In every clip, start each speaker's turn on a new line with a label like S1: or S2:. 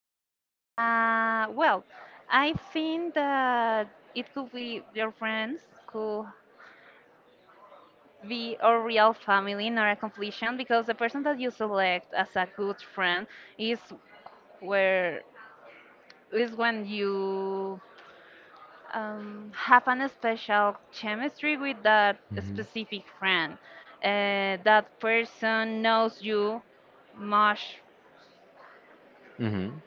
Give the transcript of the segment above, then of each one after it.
S1: question. Well, I think that it could be your friends, could be a real family, not a completion, because the person that you select as a good friend is where is when you have an special chemistry with that
S2: hmm
S1: specific friend. That person knows you much
S2: hmm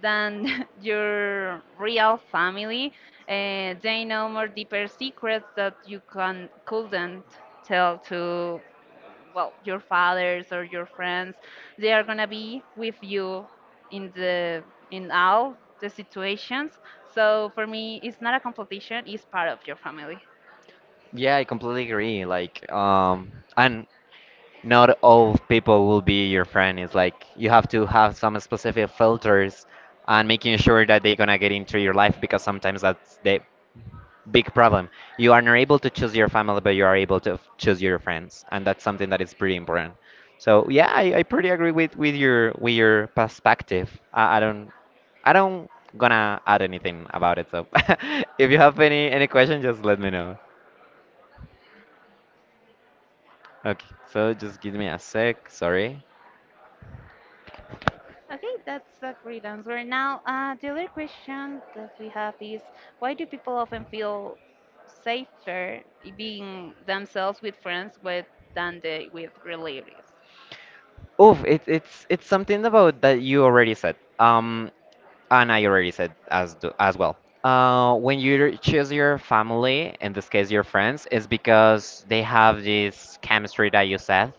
S1: than your real family. They know more deeper secrets that you can couldn't tell to well your fathers or your friends. They are gonna be with you in the in all the situations. So for me, it's not a competition; it's part of your family.
S2: Yeah, I completely agree. And not all people will be your friend. It's like you have to have some specific filters and making sure that they're gonna get into your life because sometimes that's they big problem. You are not able to choose your family, but you are able to choose your friends, and that's something that is pretty important. So yeah, I pretty agree with your with your perspective. I don't gonna add anything about it. So if you have any question, just let me know. Okay. So just give me a sec. Sorry.
S1: Okay, that's a great answer. Now, the other question that we have is why do people often feel safer being themselves with friends with than they with relatives?
S2: Oof, it's something about that you already said. And I already said as as well. When you choose your family, in this case your friends, is because they have this chemistry that you said,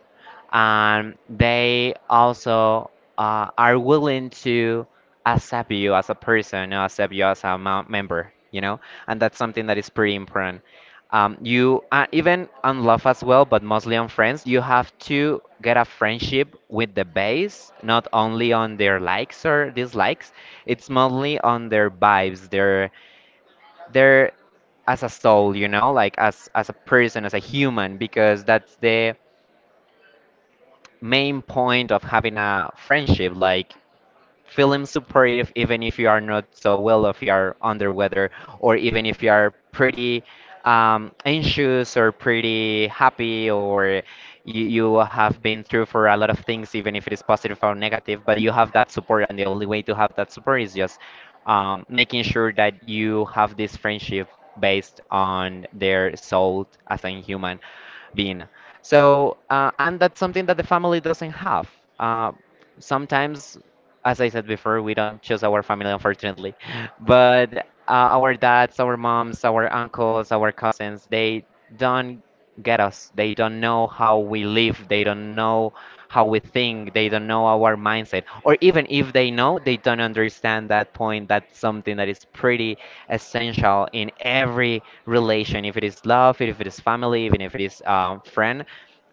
S2: and they also are willing to accept you as a person, or accept you as a member, you know, and that's something that is pretty important, you even on love as well, but mostly on friends, you have to get a friendship with the base, not only on their likes or dislikes. It's mostly on their vibes, their as a soul, you know, like as a person, as a human, because that's the main point of having a friendship. Like feeling supportive even if you are not so well, if you are under weather, or even if you are pretty anxious or pretty happy, or you have been through for a lot of things, even if it is positive or negative, but you have that support, and the only way to have that support is just making sure that you have this friendship based on their soul as a human being. So, and that's something that the family doesn't have. Uh, Sometimes, as I said before, we don't choose our family, unfortunately. But our dads, our moms, our uncles, our cousins, they don't get us. They don't know how we live. They don't know how we think. They don't know our mindset. Or even if they know, they don't understand that point. That's something that is pretty essential in every relation, if it is love, if it is family, even if it is friend.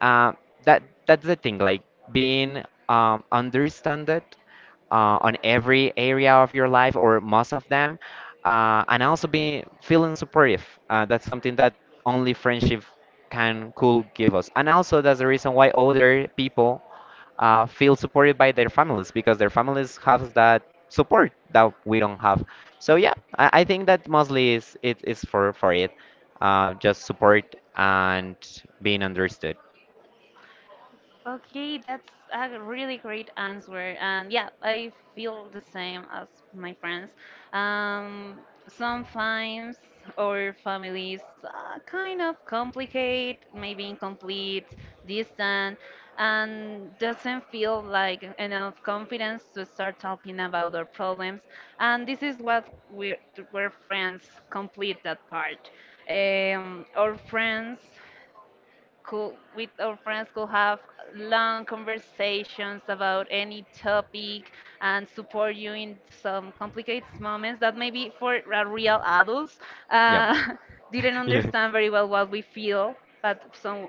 S2: Uh, that's the thing, like being understood on every area of your life or most of them, and also be feeling supportive. That's something that only friendship can could give us, and also that's the reason why older people feel supported by their families because their families have that support that we don't have. So yeah, I think that mostly is it is for it, just support and being understood.
S1: Okay, that's a really great answer. And yeah, I feel the same as my friends. Um, sometimes our families kind of complicate, maybe incomplete, distant, and doesn't feel like enough confidence to start talking about our problems. And this is where friends complete that part. Our friends with our friends could have long conversations about any topic and support you in some complicated moments that maybe for a real adults uh, didn't
S2: Not
S1: understand very well what we feel, but some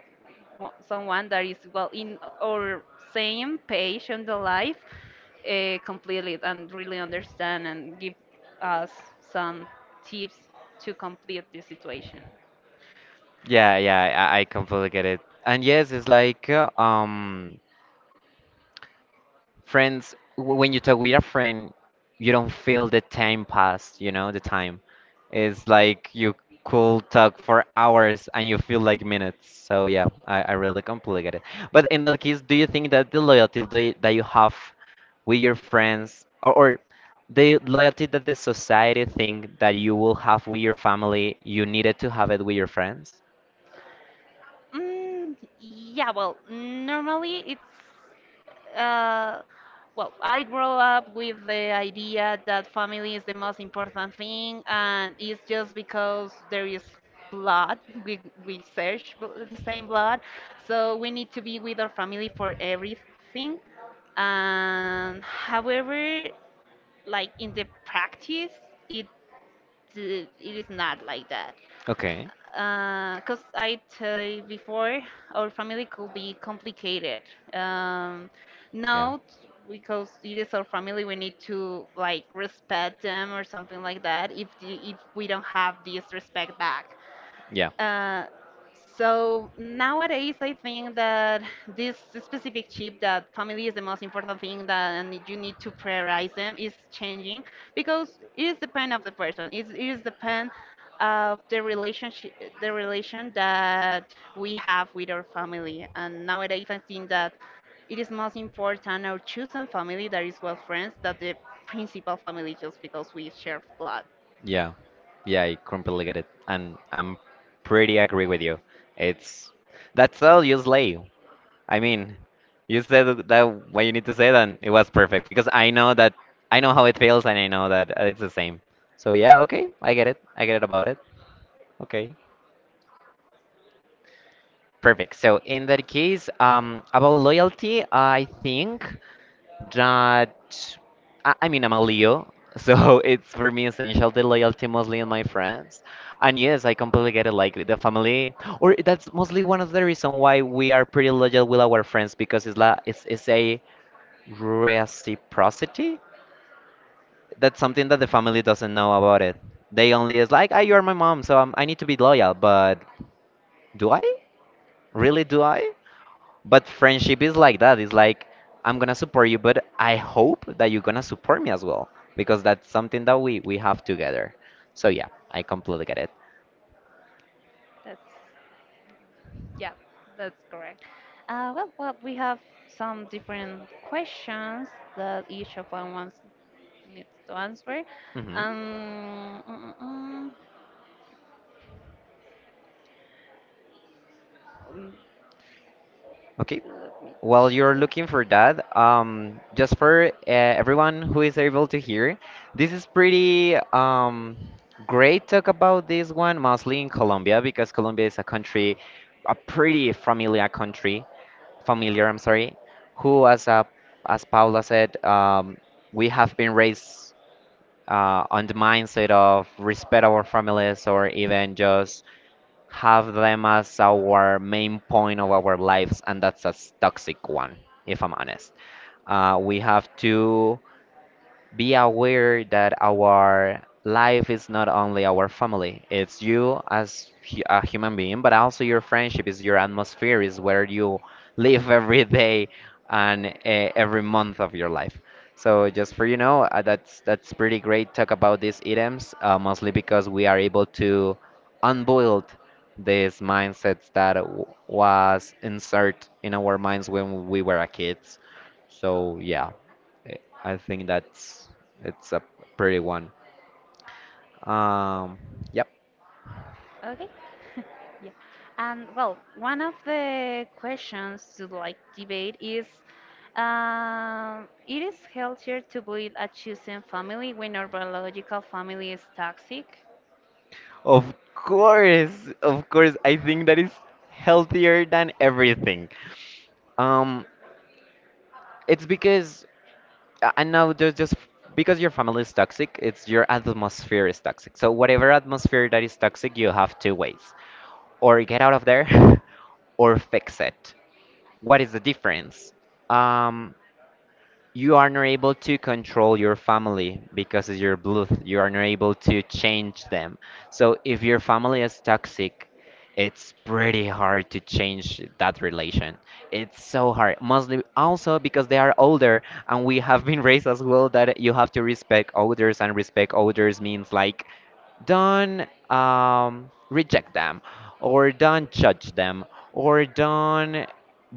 S1: wa- someone that is well in our same page on the life completely and really understand and give us some tips to complete the situation.
S2: yeah, yeah, I completely get it. And yes, it's like friends when you talk with a friend, you don't feel the time pass, you know, the time. It's like you could talk for hours and you feel like minutes. So yeah, I really completely get it. But in that case, do you think that the loyalty that you have with your friends, or the loyalty that the society think that you will have with your family, you needed to have it with your friends?
S1: Yeah, normally it's well, I grow up with the idea that family is the most important thing, and it's just because there is blood, we search the same blood, so we need to be with our family for everything. And however, like in the practice, it it is not like that
S2: Okay.
S1: because I tell you before, our family could be complicated. Um,
S2: Yeah.
S1: now, because it is our family, we need to like respect them or something like that. If we don't have this respect back,
S2: Yeah,
S1: uh, so nowadays, I think that this specific chip that family is the most important thing that and you need to prioritize them is changing because it is depend of the person. It is depend of the relationship, the relation that we have with our family. And nowadays, I think that it is most important our chosen family that is well friends than the principal family just because we share blood.
S2: yeah, yeah. I completely get it, and I'm pretty agree with you. It's that's all you slay. I mean, you said that what you need to say, then it was perfect because I know that I know how it feels, and I know that it's the same. So yeah, okay, I get it. I get it about it. Okay. Perfect. So in that case, about loyalty, I think that I mean I'm a Leo, so it's for me essential the loyalty mostly in my friends. And yes, I completely get it. Like the family, or that's mostly one of the reason why we are pretty loyal with our friends because it's a reciprocity. That's something that the family doesn't know about it. They only is like, ah, you are my mom, so I need to be loyal. But do I? Really, do I? But friendship is like that. It's like I'm gonna support you, but I hope that you're gonna support me as well because that's something that we have together. So yeah, I completely get it.
S1: That's Yeah, that's correct. Well, we have some different questions that each of one wants needs to answer.
S2: Hmm.
S1: Um, mm, mm, mm, mm,
S2: Okay.
S1: Let me
S2: While you're
S1: check.
S2: looking for that, just for everyone who is able to hear, this is pretty great talk about this one, mostly in Colombia, because Colombia is a country, a pretty familiar country. Familiar, I'm sorry, who, as Paula said, we have been raised on the mindset of respect our families or even just have them as our main point of our lives, and that's a toxic one, if I'm honest. We have to be aware that our life is not only our family, it's you as a human being, but also your friendship is your atmosphere, is where you live every day and every month of your life. So just for you know that's pretty great talk about these items, mostly because we are able to unbuild these mindsets that was insert in our minds when we were a kids. So yeah. Eh, I think that's it's a pretty one. Um, yep.
S1: Okay. Yeah. And well, one of the questions to like debate is it is healthier to build a chosen family when our biological family is toxic?
S2: Of course, of course. I think that is healthier than everything. Um, it's because I know just because your family is toxic, it's your atmosphere is toxic. So whatever atmosphere that is toxic, you have two ways: or get out of there, or fix it. What is the difference? Um, you are not able to control your family because it's your blood. You are not able to change them. So if your family is toxic, it's pretty hard to change that relation. It's so hard. Mostly also because they are older and we have been raised as well that you have to respect elders, and respect elders means like don't reject them, or don't judge them, or don't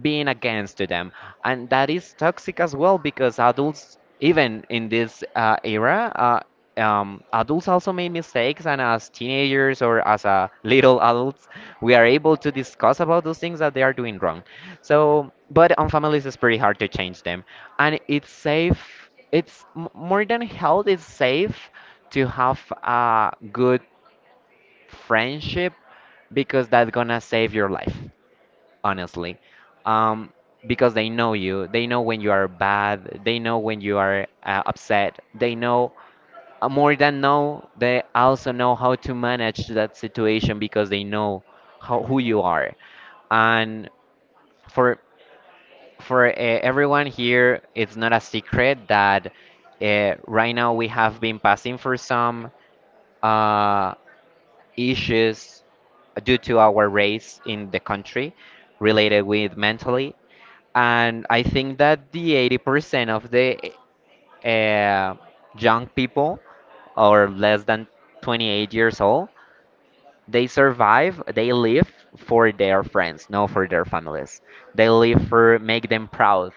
S2: being against to them, and that is toxic as well because adults, even in this era, adults also make mistakes, and as teenagers or as little adults, we are able to discuss about those things that they are doing wrong. So but on families it's pretty hard to change them, and it's safe, it's more than health, it's safe to have a good friendship because that's gonna save your life, honestly. Um, because they know you, they know when you are bad, they know when you are upset, they know more than know, they also know how to manage that situation because they know how who you are. And for for everyone here, it's not a secret that right now we have been passing for some uh, issues due to our race in the country related with mentally, and I think that the 80% of the uh, young people or less than 28 years old, they survive, they live for their friends, not for their families. They live for make them proud.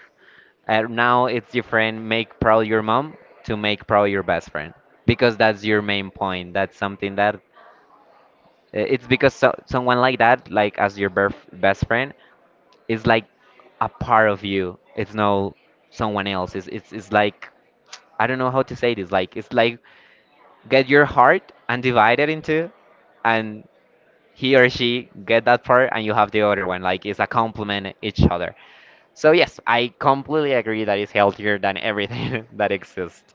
S2: Now it's different make proud your mom to make proud your best friend because that's your main point. That's something that it's because so, someone like that, like as your best friend, it's like a part of you. It's no someone else. It's like I don't know how to say this. Like it's like get your heart and divide it into, and he or she get that part, and you have the other one. Like it's a complement each other. So yes, I completely agree that it's healthier than everything that exists.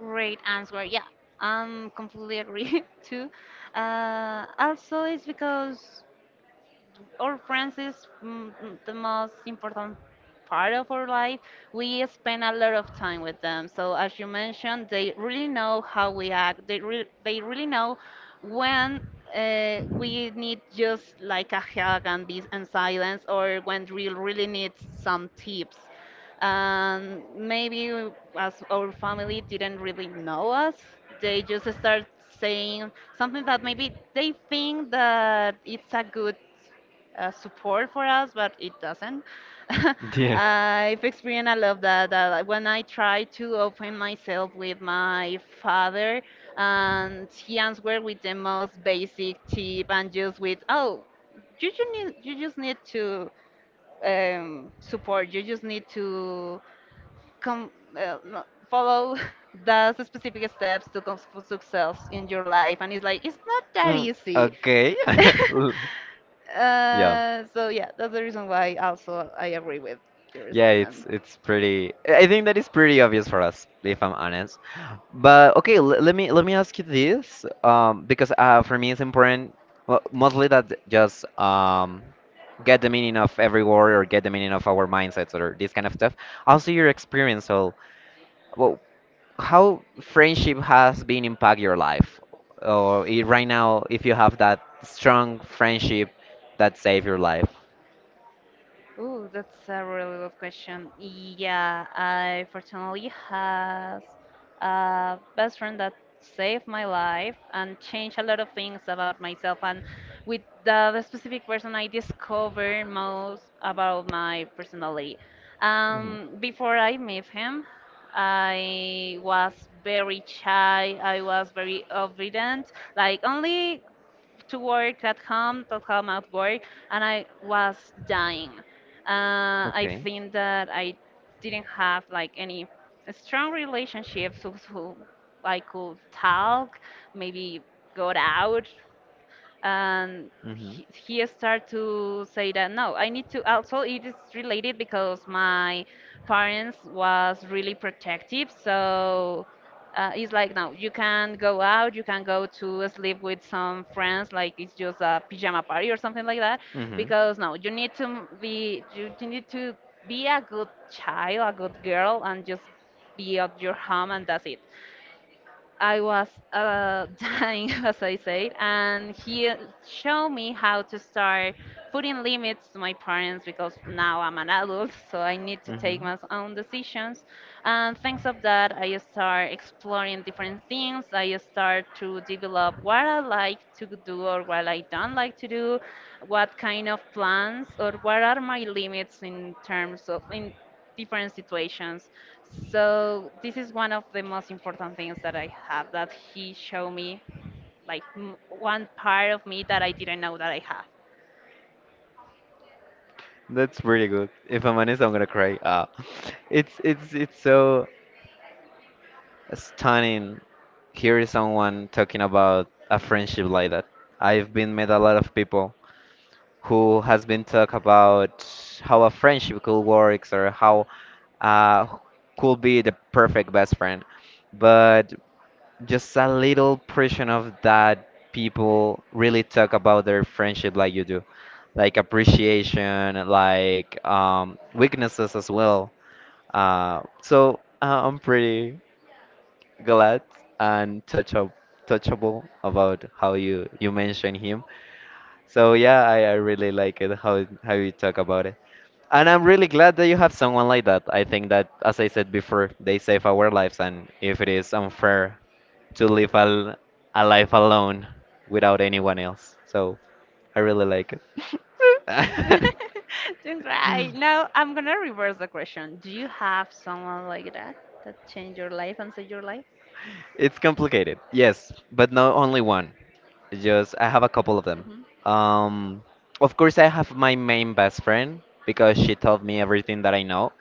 S1: Great answer. Yeah, I'm completely agree too. Also, it's because our friends is the most important part of our life. We spend a lot of time with them. So as you mentioned, they really know how we act. They re- they really know when we need just like a hug and be and silence, or when we really need some tips. And maybe as our family didn't really know us, they just start saying something that maybe they think that it's a good support for us, but it doesn't.
S2: Yes.
S1: I've experienced a lot that when I try to open myself with my father, and he answered with the most basic tip and just with, oh, you just need to support. You just need to come no, follow the specific steps to come for success in your life. And it's like it's not that easy.
S2: Okay. L- yeah.
S1: So yeah, that's the reason why also I agree with your
S2: Yeah,
S1: statement.
S2: it's pretty. I think that is pretty obvious for us, if I'm honest. But okay, l let me ask you this, because for me it's important, well, mostly that just get the meaning of every word or get the meaning of our mindsets or this kind of stuff. Also, your experience. So, well, how friendship has been impact your life, or right now, if you have that strong friendship that saved your life.
S1: Ooh, that's a really good question. Yeah, I fortunately has a best friend that saved my life and changed a lot of things about myself. And with the specific person, I discovered most about my personality.
S2: Mhm.
S1: Before I met him, I was very shy. I was very obedient. Like only to work at home, at work, and I was dying. I
S2: Okay.
S1: think that I didn't have like any strong relationships who I could talk, maybe go out and
S2: Mhm. Mhm.
S1: he started to say that no I need to also it is related because my parents was really protective, so it's like no you can go out you can go to sleep with some friends like it's just a pajama party or something like that because no you need to be a good child, a good girl, and just be at your home and that's it. I was dying, as I said, and he showed me how to start putting limits to my parents because now I'm an adult, so I need to take
S2: Hmm.
S1: my own decisions. And thanks of that, I start exploring different things. I start to develop what I like to do or what I don't like to do, what kind of plans or what are my limits in terms of in different situations. So this is one of the most important things that I have that he showed me, like one part of me that I didn't know that I have.
S2: That's pretty good. If I'm honest, I'm gonna cry. Ah, it's so stunning. Here is someone talking about a friendship like that. I've been met a lot of people who has been talk about how a friendship could works or how uh, could be the perfect best friend. But just a little portion of that people really talk about their friendship like you do, like appreciation, like weaknesses as well. I'm pretty glad and touch up, touchable about how you mentioned him so yeah, I really like it how you talk about it. And I'm really glad that you have someone like that. I think that, as I said before, they save our lives, and if it is unfair to live a life alone without anyone else, so I really like it.
S1: Don't cry. Now I'm gonna reverse the question. Do you have someone like that that changed your life and saved your life?
S2: It's complicated, yes, but not only one. Just I have a couple of them.
S1: Mhm.
S2: Um, of course, I have my main best friend because she told me everything that I know.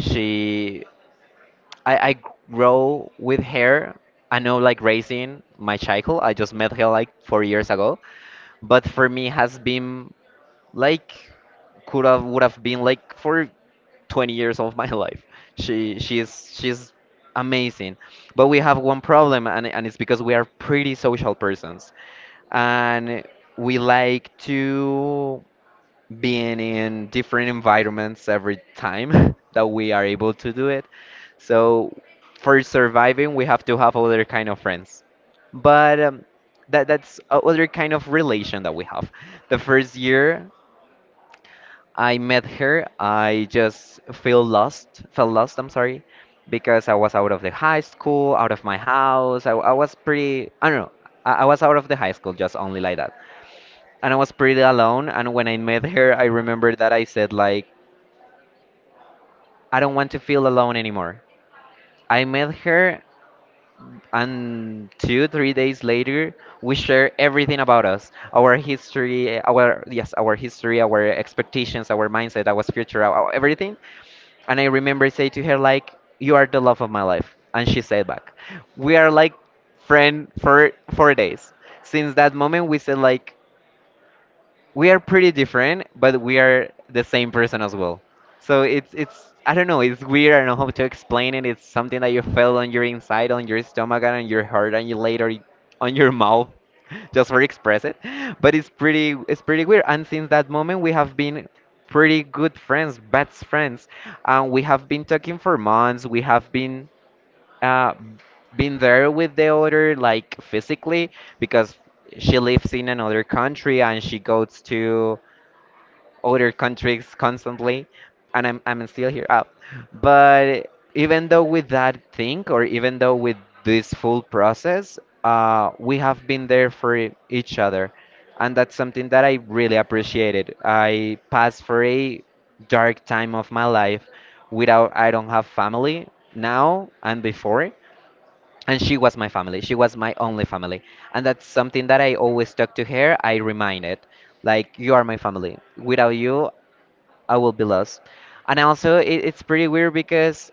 S2: She I grow with her. I know like raising my child. I just met her like 4 years ago, but for me has been like could have would have been like for 20 years of my life. She's amazing, but we have one problem, and it's because we are pretty social persons, and we like to being in different environments every time that we are able to do it. So for surviving, we have to have other kind of friends. But That's a other kind of relation that we have. The first year I met her, I just feel lost, felt lost, I'm sorry, because I was out of the high school, out of my house. I was pretty, I don't know, I was out of the high school, just only like that and I was pretty alone. And when I met her, I remember that I said like, I don't want to feel alone anymore. I met her, and two, 3 days later, we share everything about us our history, our, yes, our history, our expectations, our mindset, our future, our everything. And I remember say to her, like, you are the love of my life. And she said back, we are like friend for 4 days. Since that moment, we said, like, we are pretty different, but we are the same person as well. So it's I don't know, it's weird. I don't know how to explain it. It's something that you feel on your inside, on your stomach, and on your heart, and on your mouth, just for express it. But it's pretty weird. And since that moment, we have been pretty good friends, best friends, and we have been talking for months. We have uh, been there with the other like physically because she lives in another country and she goes to other countries constantly and I'm still here out. But even though with that thing or even though with this full process, we have been there for each other. And that's something that I really appreciated. I passed for a dark time of my life without I don't have family now and before and she was my family, she was my only family, and that's something that I always talk to her, I remind it like you are my family, without you I will be lost. And also it's pretty weird because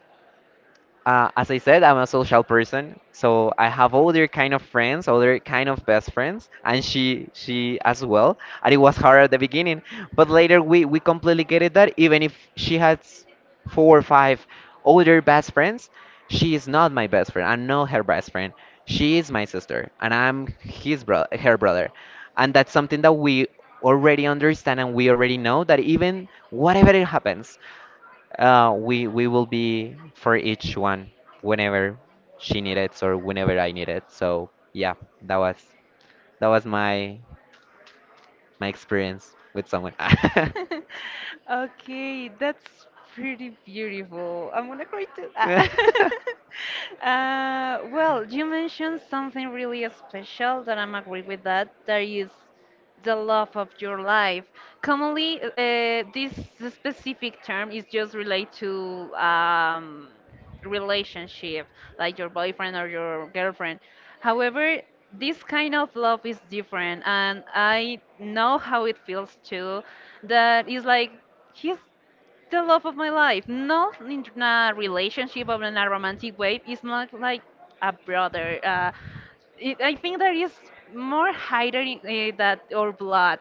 S2: as I said, I'm a social person, so I have other kind of friends, other kind of best friends, and she as well. And it was hard at the beginning, but later we completely get it that even if she has four or five older best friends, she is not my best friend. I'm not her best friend. She is my sister, and I'm his brother, her brother, and that's something that we already understand, and we already know that even whatever it happens, we will be for each one whenever she needed or whenever I needed. So yeah, that was that was my my experience with someone.
S1: Okay, that's pretty beautiful. I'm gonna cry too. Ah. Well, you mentioned something really special that I'm agree with that. That is the love of your life. Commonly, this specific term is just related to relationship, like your boyfriend or your girlfriend. However, this kind of love is different, and I know how it feels too. That is like he's the love of my life, not in a relationship or in a romantic way. It's not like a brother. I think there is more hiding that or blood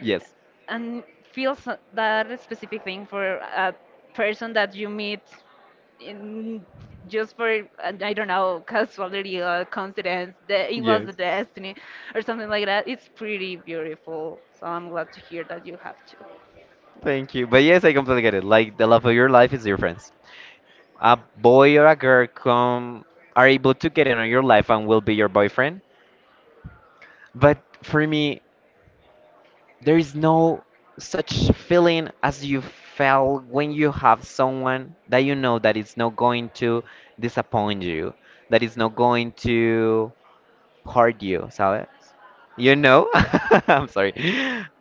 S2: Yes.
S1: and that specific thing for a person that you meet in just for I don't know casuality or coincidence that it was the
S2: Yes.
S1: destiny or something like that. It's pretty beautiful. So I'm glad to hear that you have to. Right.
S2: Thank you. But yes, I completely get it. Like the love of your life is your friends. A boy or a girl come are able to get in on your life and will be your boyfriend. But for me, there is no such feeling as you felt when you have someone that you know that is not going to disappoint you, that is not going to hurt you, sabes? You know? I'm sorry.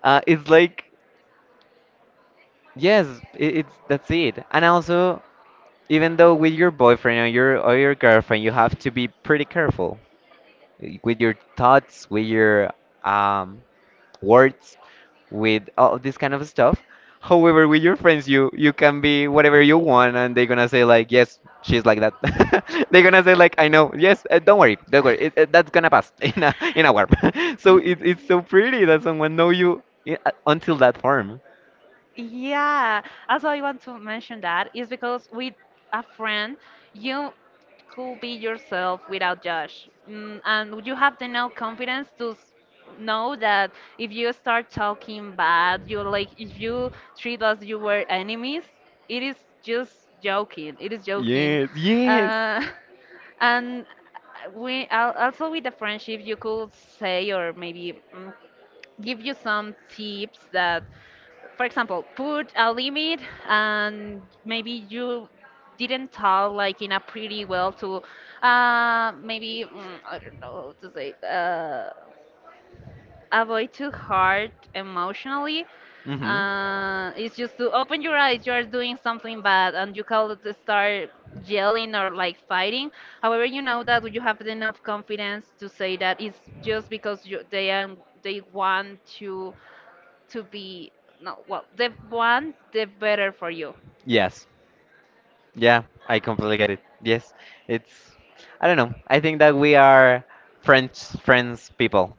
S2: It's like, yes, it's that's it. And also, even though with your boyfriend or your girlfriend, you have to be pretty careful with your thoughts, with your um words, with all this kind of stuff. However, with your friends, you can be whatever you want, and they're gonna say like, yes, she's like that. They're gonna say like, I know, yes, don't worry, that's gonna pass in a warp. So
S1: Y-
S2: it's so pretty that someone know you until that form.
S1: Yeah, also I want to mention that is because with a friend you could be yourself without judge, mm, and you have the now confidence to know that if you start talking bad, you like if you treat us you were enemies, it is just joking. It is joking,
S2: Yes, yes.
S1: uh, and also with the friendship you could say or maybe mm, give you some tips that for example, put a limit and maybe you didn't talk like in a pretty well to maybe mm, I don't know how to say it, avoid too hard emotionally.
S2: Mm-hmm.
S1: It's just to open your eyes, you are doing something bad and you call it to start yelling or like fighting. However, you know that you have enough confidence to say that it's just because they are, they want to be no well the better for you.
S2: Yes. Yeah, I completely get it. Yes. It's I don't know. I think that we are French friends people,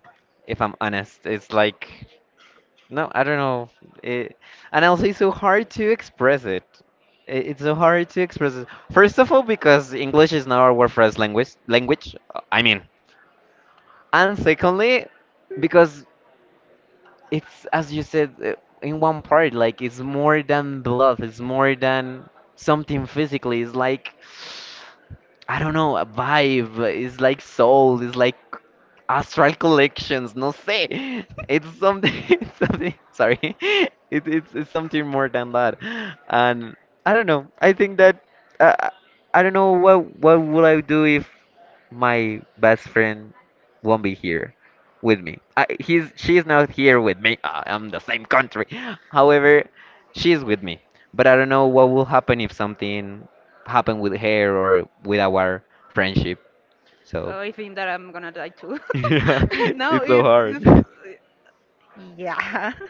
S2: if I'm honest. It's like no, I don't know. It, and also it's so hard to express it. It's so hard to express it. First of all, because English is not our first language. I mean. And secondly, because it's as you said in one part like it's more than love, it's more than something physically, it's like I don't know, a vibe, it's like soul, it's like astral collections, no say, it's something it's something sorry it's something more than that. And I don't know, I think that uh, I don't know what would I do if my best friend won't be here with me. I, he's she's not here with me. I am the same country. However, she's with me. But I don't know what will happen if something happened with her or with our friendship. So
S1: Oh, I think that I'm gonna die too.
S2: yeah,
S1: No,
S2: it's so
S1: it's
S2: hard.
S1: yeah.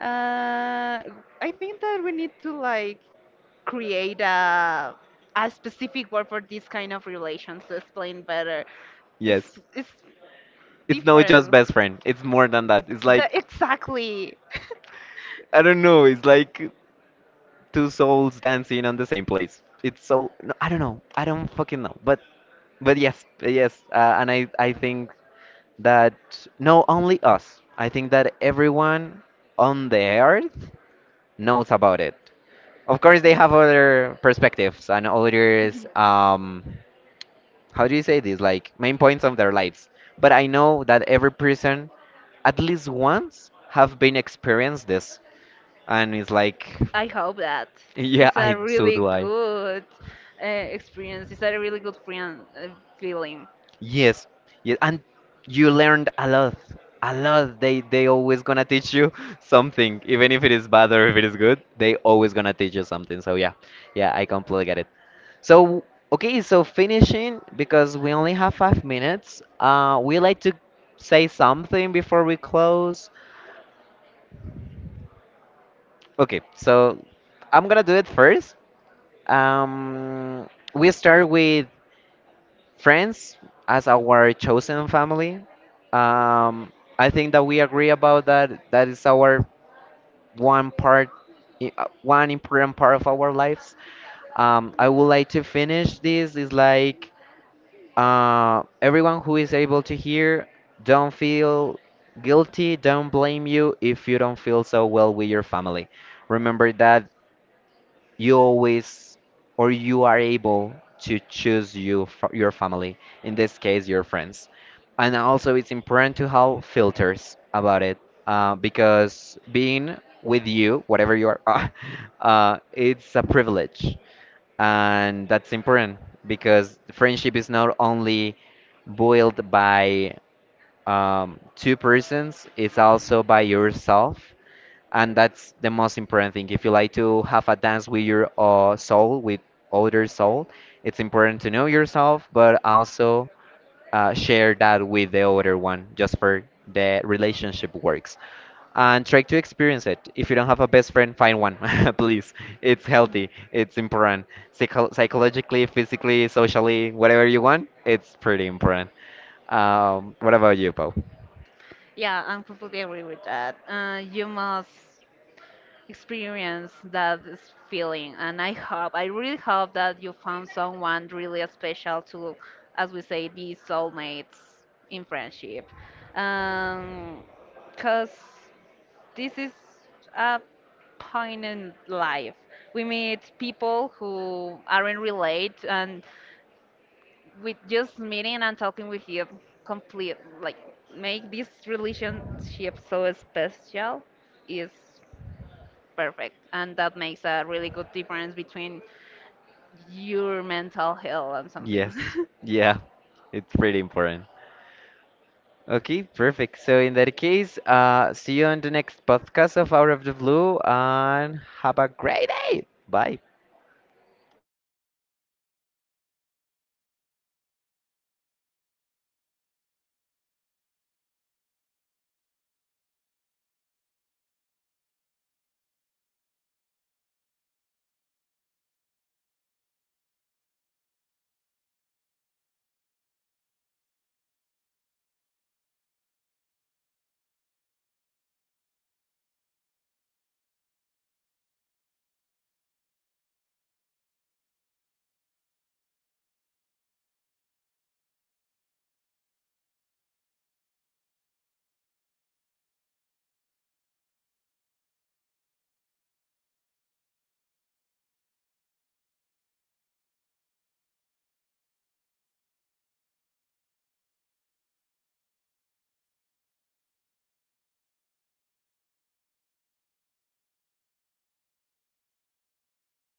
S1: Uh, I think that we need to like create a specific word for this kind of relations to explain better.
S2: Yes,
S1: It's
S2: it's not just
S1: different.
S2: best friend. It's more than that. It's
S1: The
S2: like
S1: exactly.
S2: I don't know. It's like two souls dancing on the same place. It's so no, I don't know. I don't fucking know. But yes, yes. And I think that no only us, I think that everyone on the earth knows about it. Of course they have other perspectives and other um how do you say this like main points of their lives, but I know that every person at least once have been experienced this, and it's like
S1: I hope that
S2: yeah,
S1: these are
S2: I so
S1: really
S2: do I.
S1: good experience. It's a really good friend feeling.
S2: Yes, yes, and you learned a lot, a lot. They always gonna teach you something, even if it is bad or if it is good. They always gonna teach you something. So yeah, yeah, I completely get it. So okay, so finishing because we only have 5 minutes. We like to say something before we close. Okay, so I'm gonna do it first. Um, we start with friends as our chosen family. Um, I think that we agree about that. That is our one part, one important part of our lives. I would like to finish this. Is like everyone who is able to hear, don't feel guilty. Don't blame you if you don't feel so well with your family. Remember that you always or you are able to choose you your family, in this case your friends, and also it's important to have filters about it because being with you whatever you are it's a privilege and that's important, because friendship is not only built by two persons, it's also by yourself, and that's the most important thing. If you like to have a dance with your soul, with other soul, it's important to know yourself, but also share that with the other one, just for the relationship works. And try to experience it. If you don't have a best friend, find one, please. It's healthy. It's important. Psychologically, physically, socially, whatever you want, it's pretty important. What about you, Paul?
S1: Yeah, I'm completely agree with that. You must experience that feeling, and I hope, I really hope that you found someone really special to, as we say, be soulmates in friendship. Um, cause this is a point in life. We meet people who aren't related, and with just meeting and talking with you complete like make this relationship so special is perfect and that makes a really good difference between your mental health and something
S2: Yes. Yeah. It's pretty important. Okay, perfect. So in that case, see you on the next podcast of Out of the Blue and have a great day. Bye.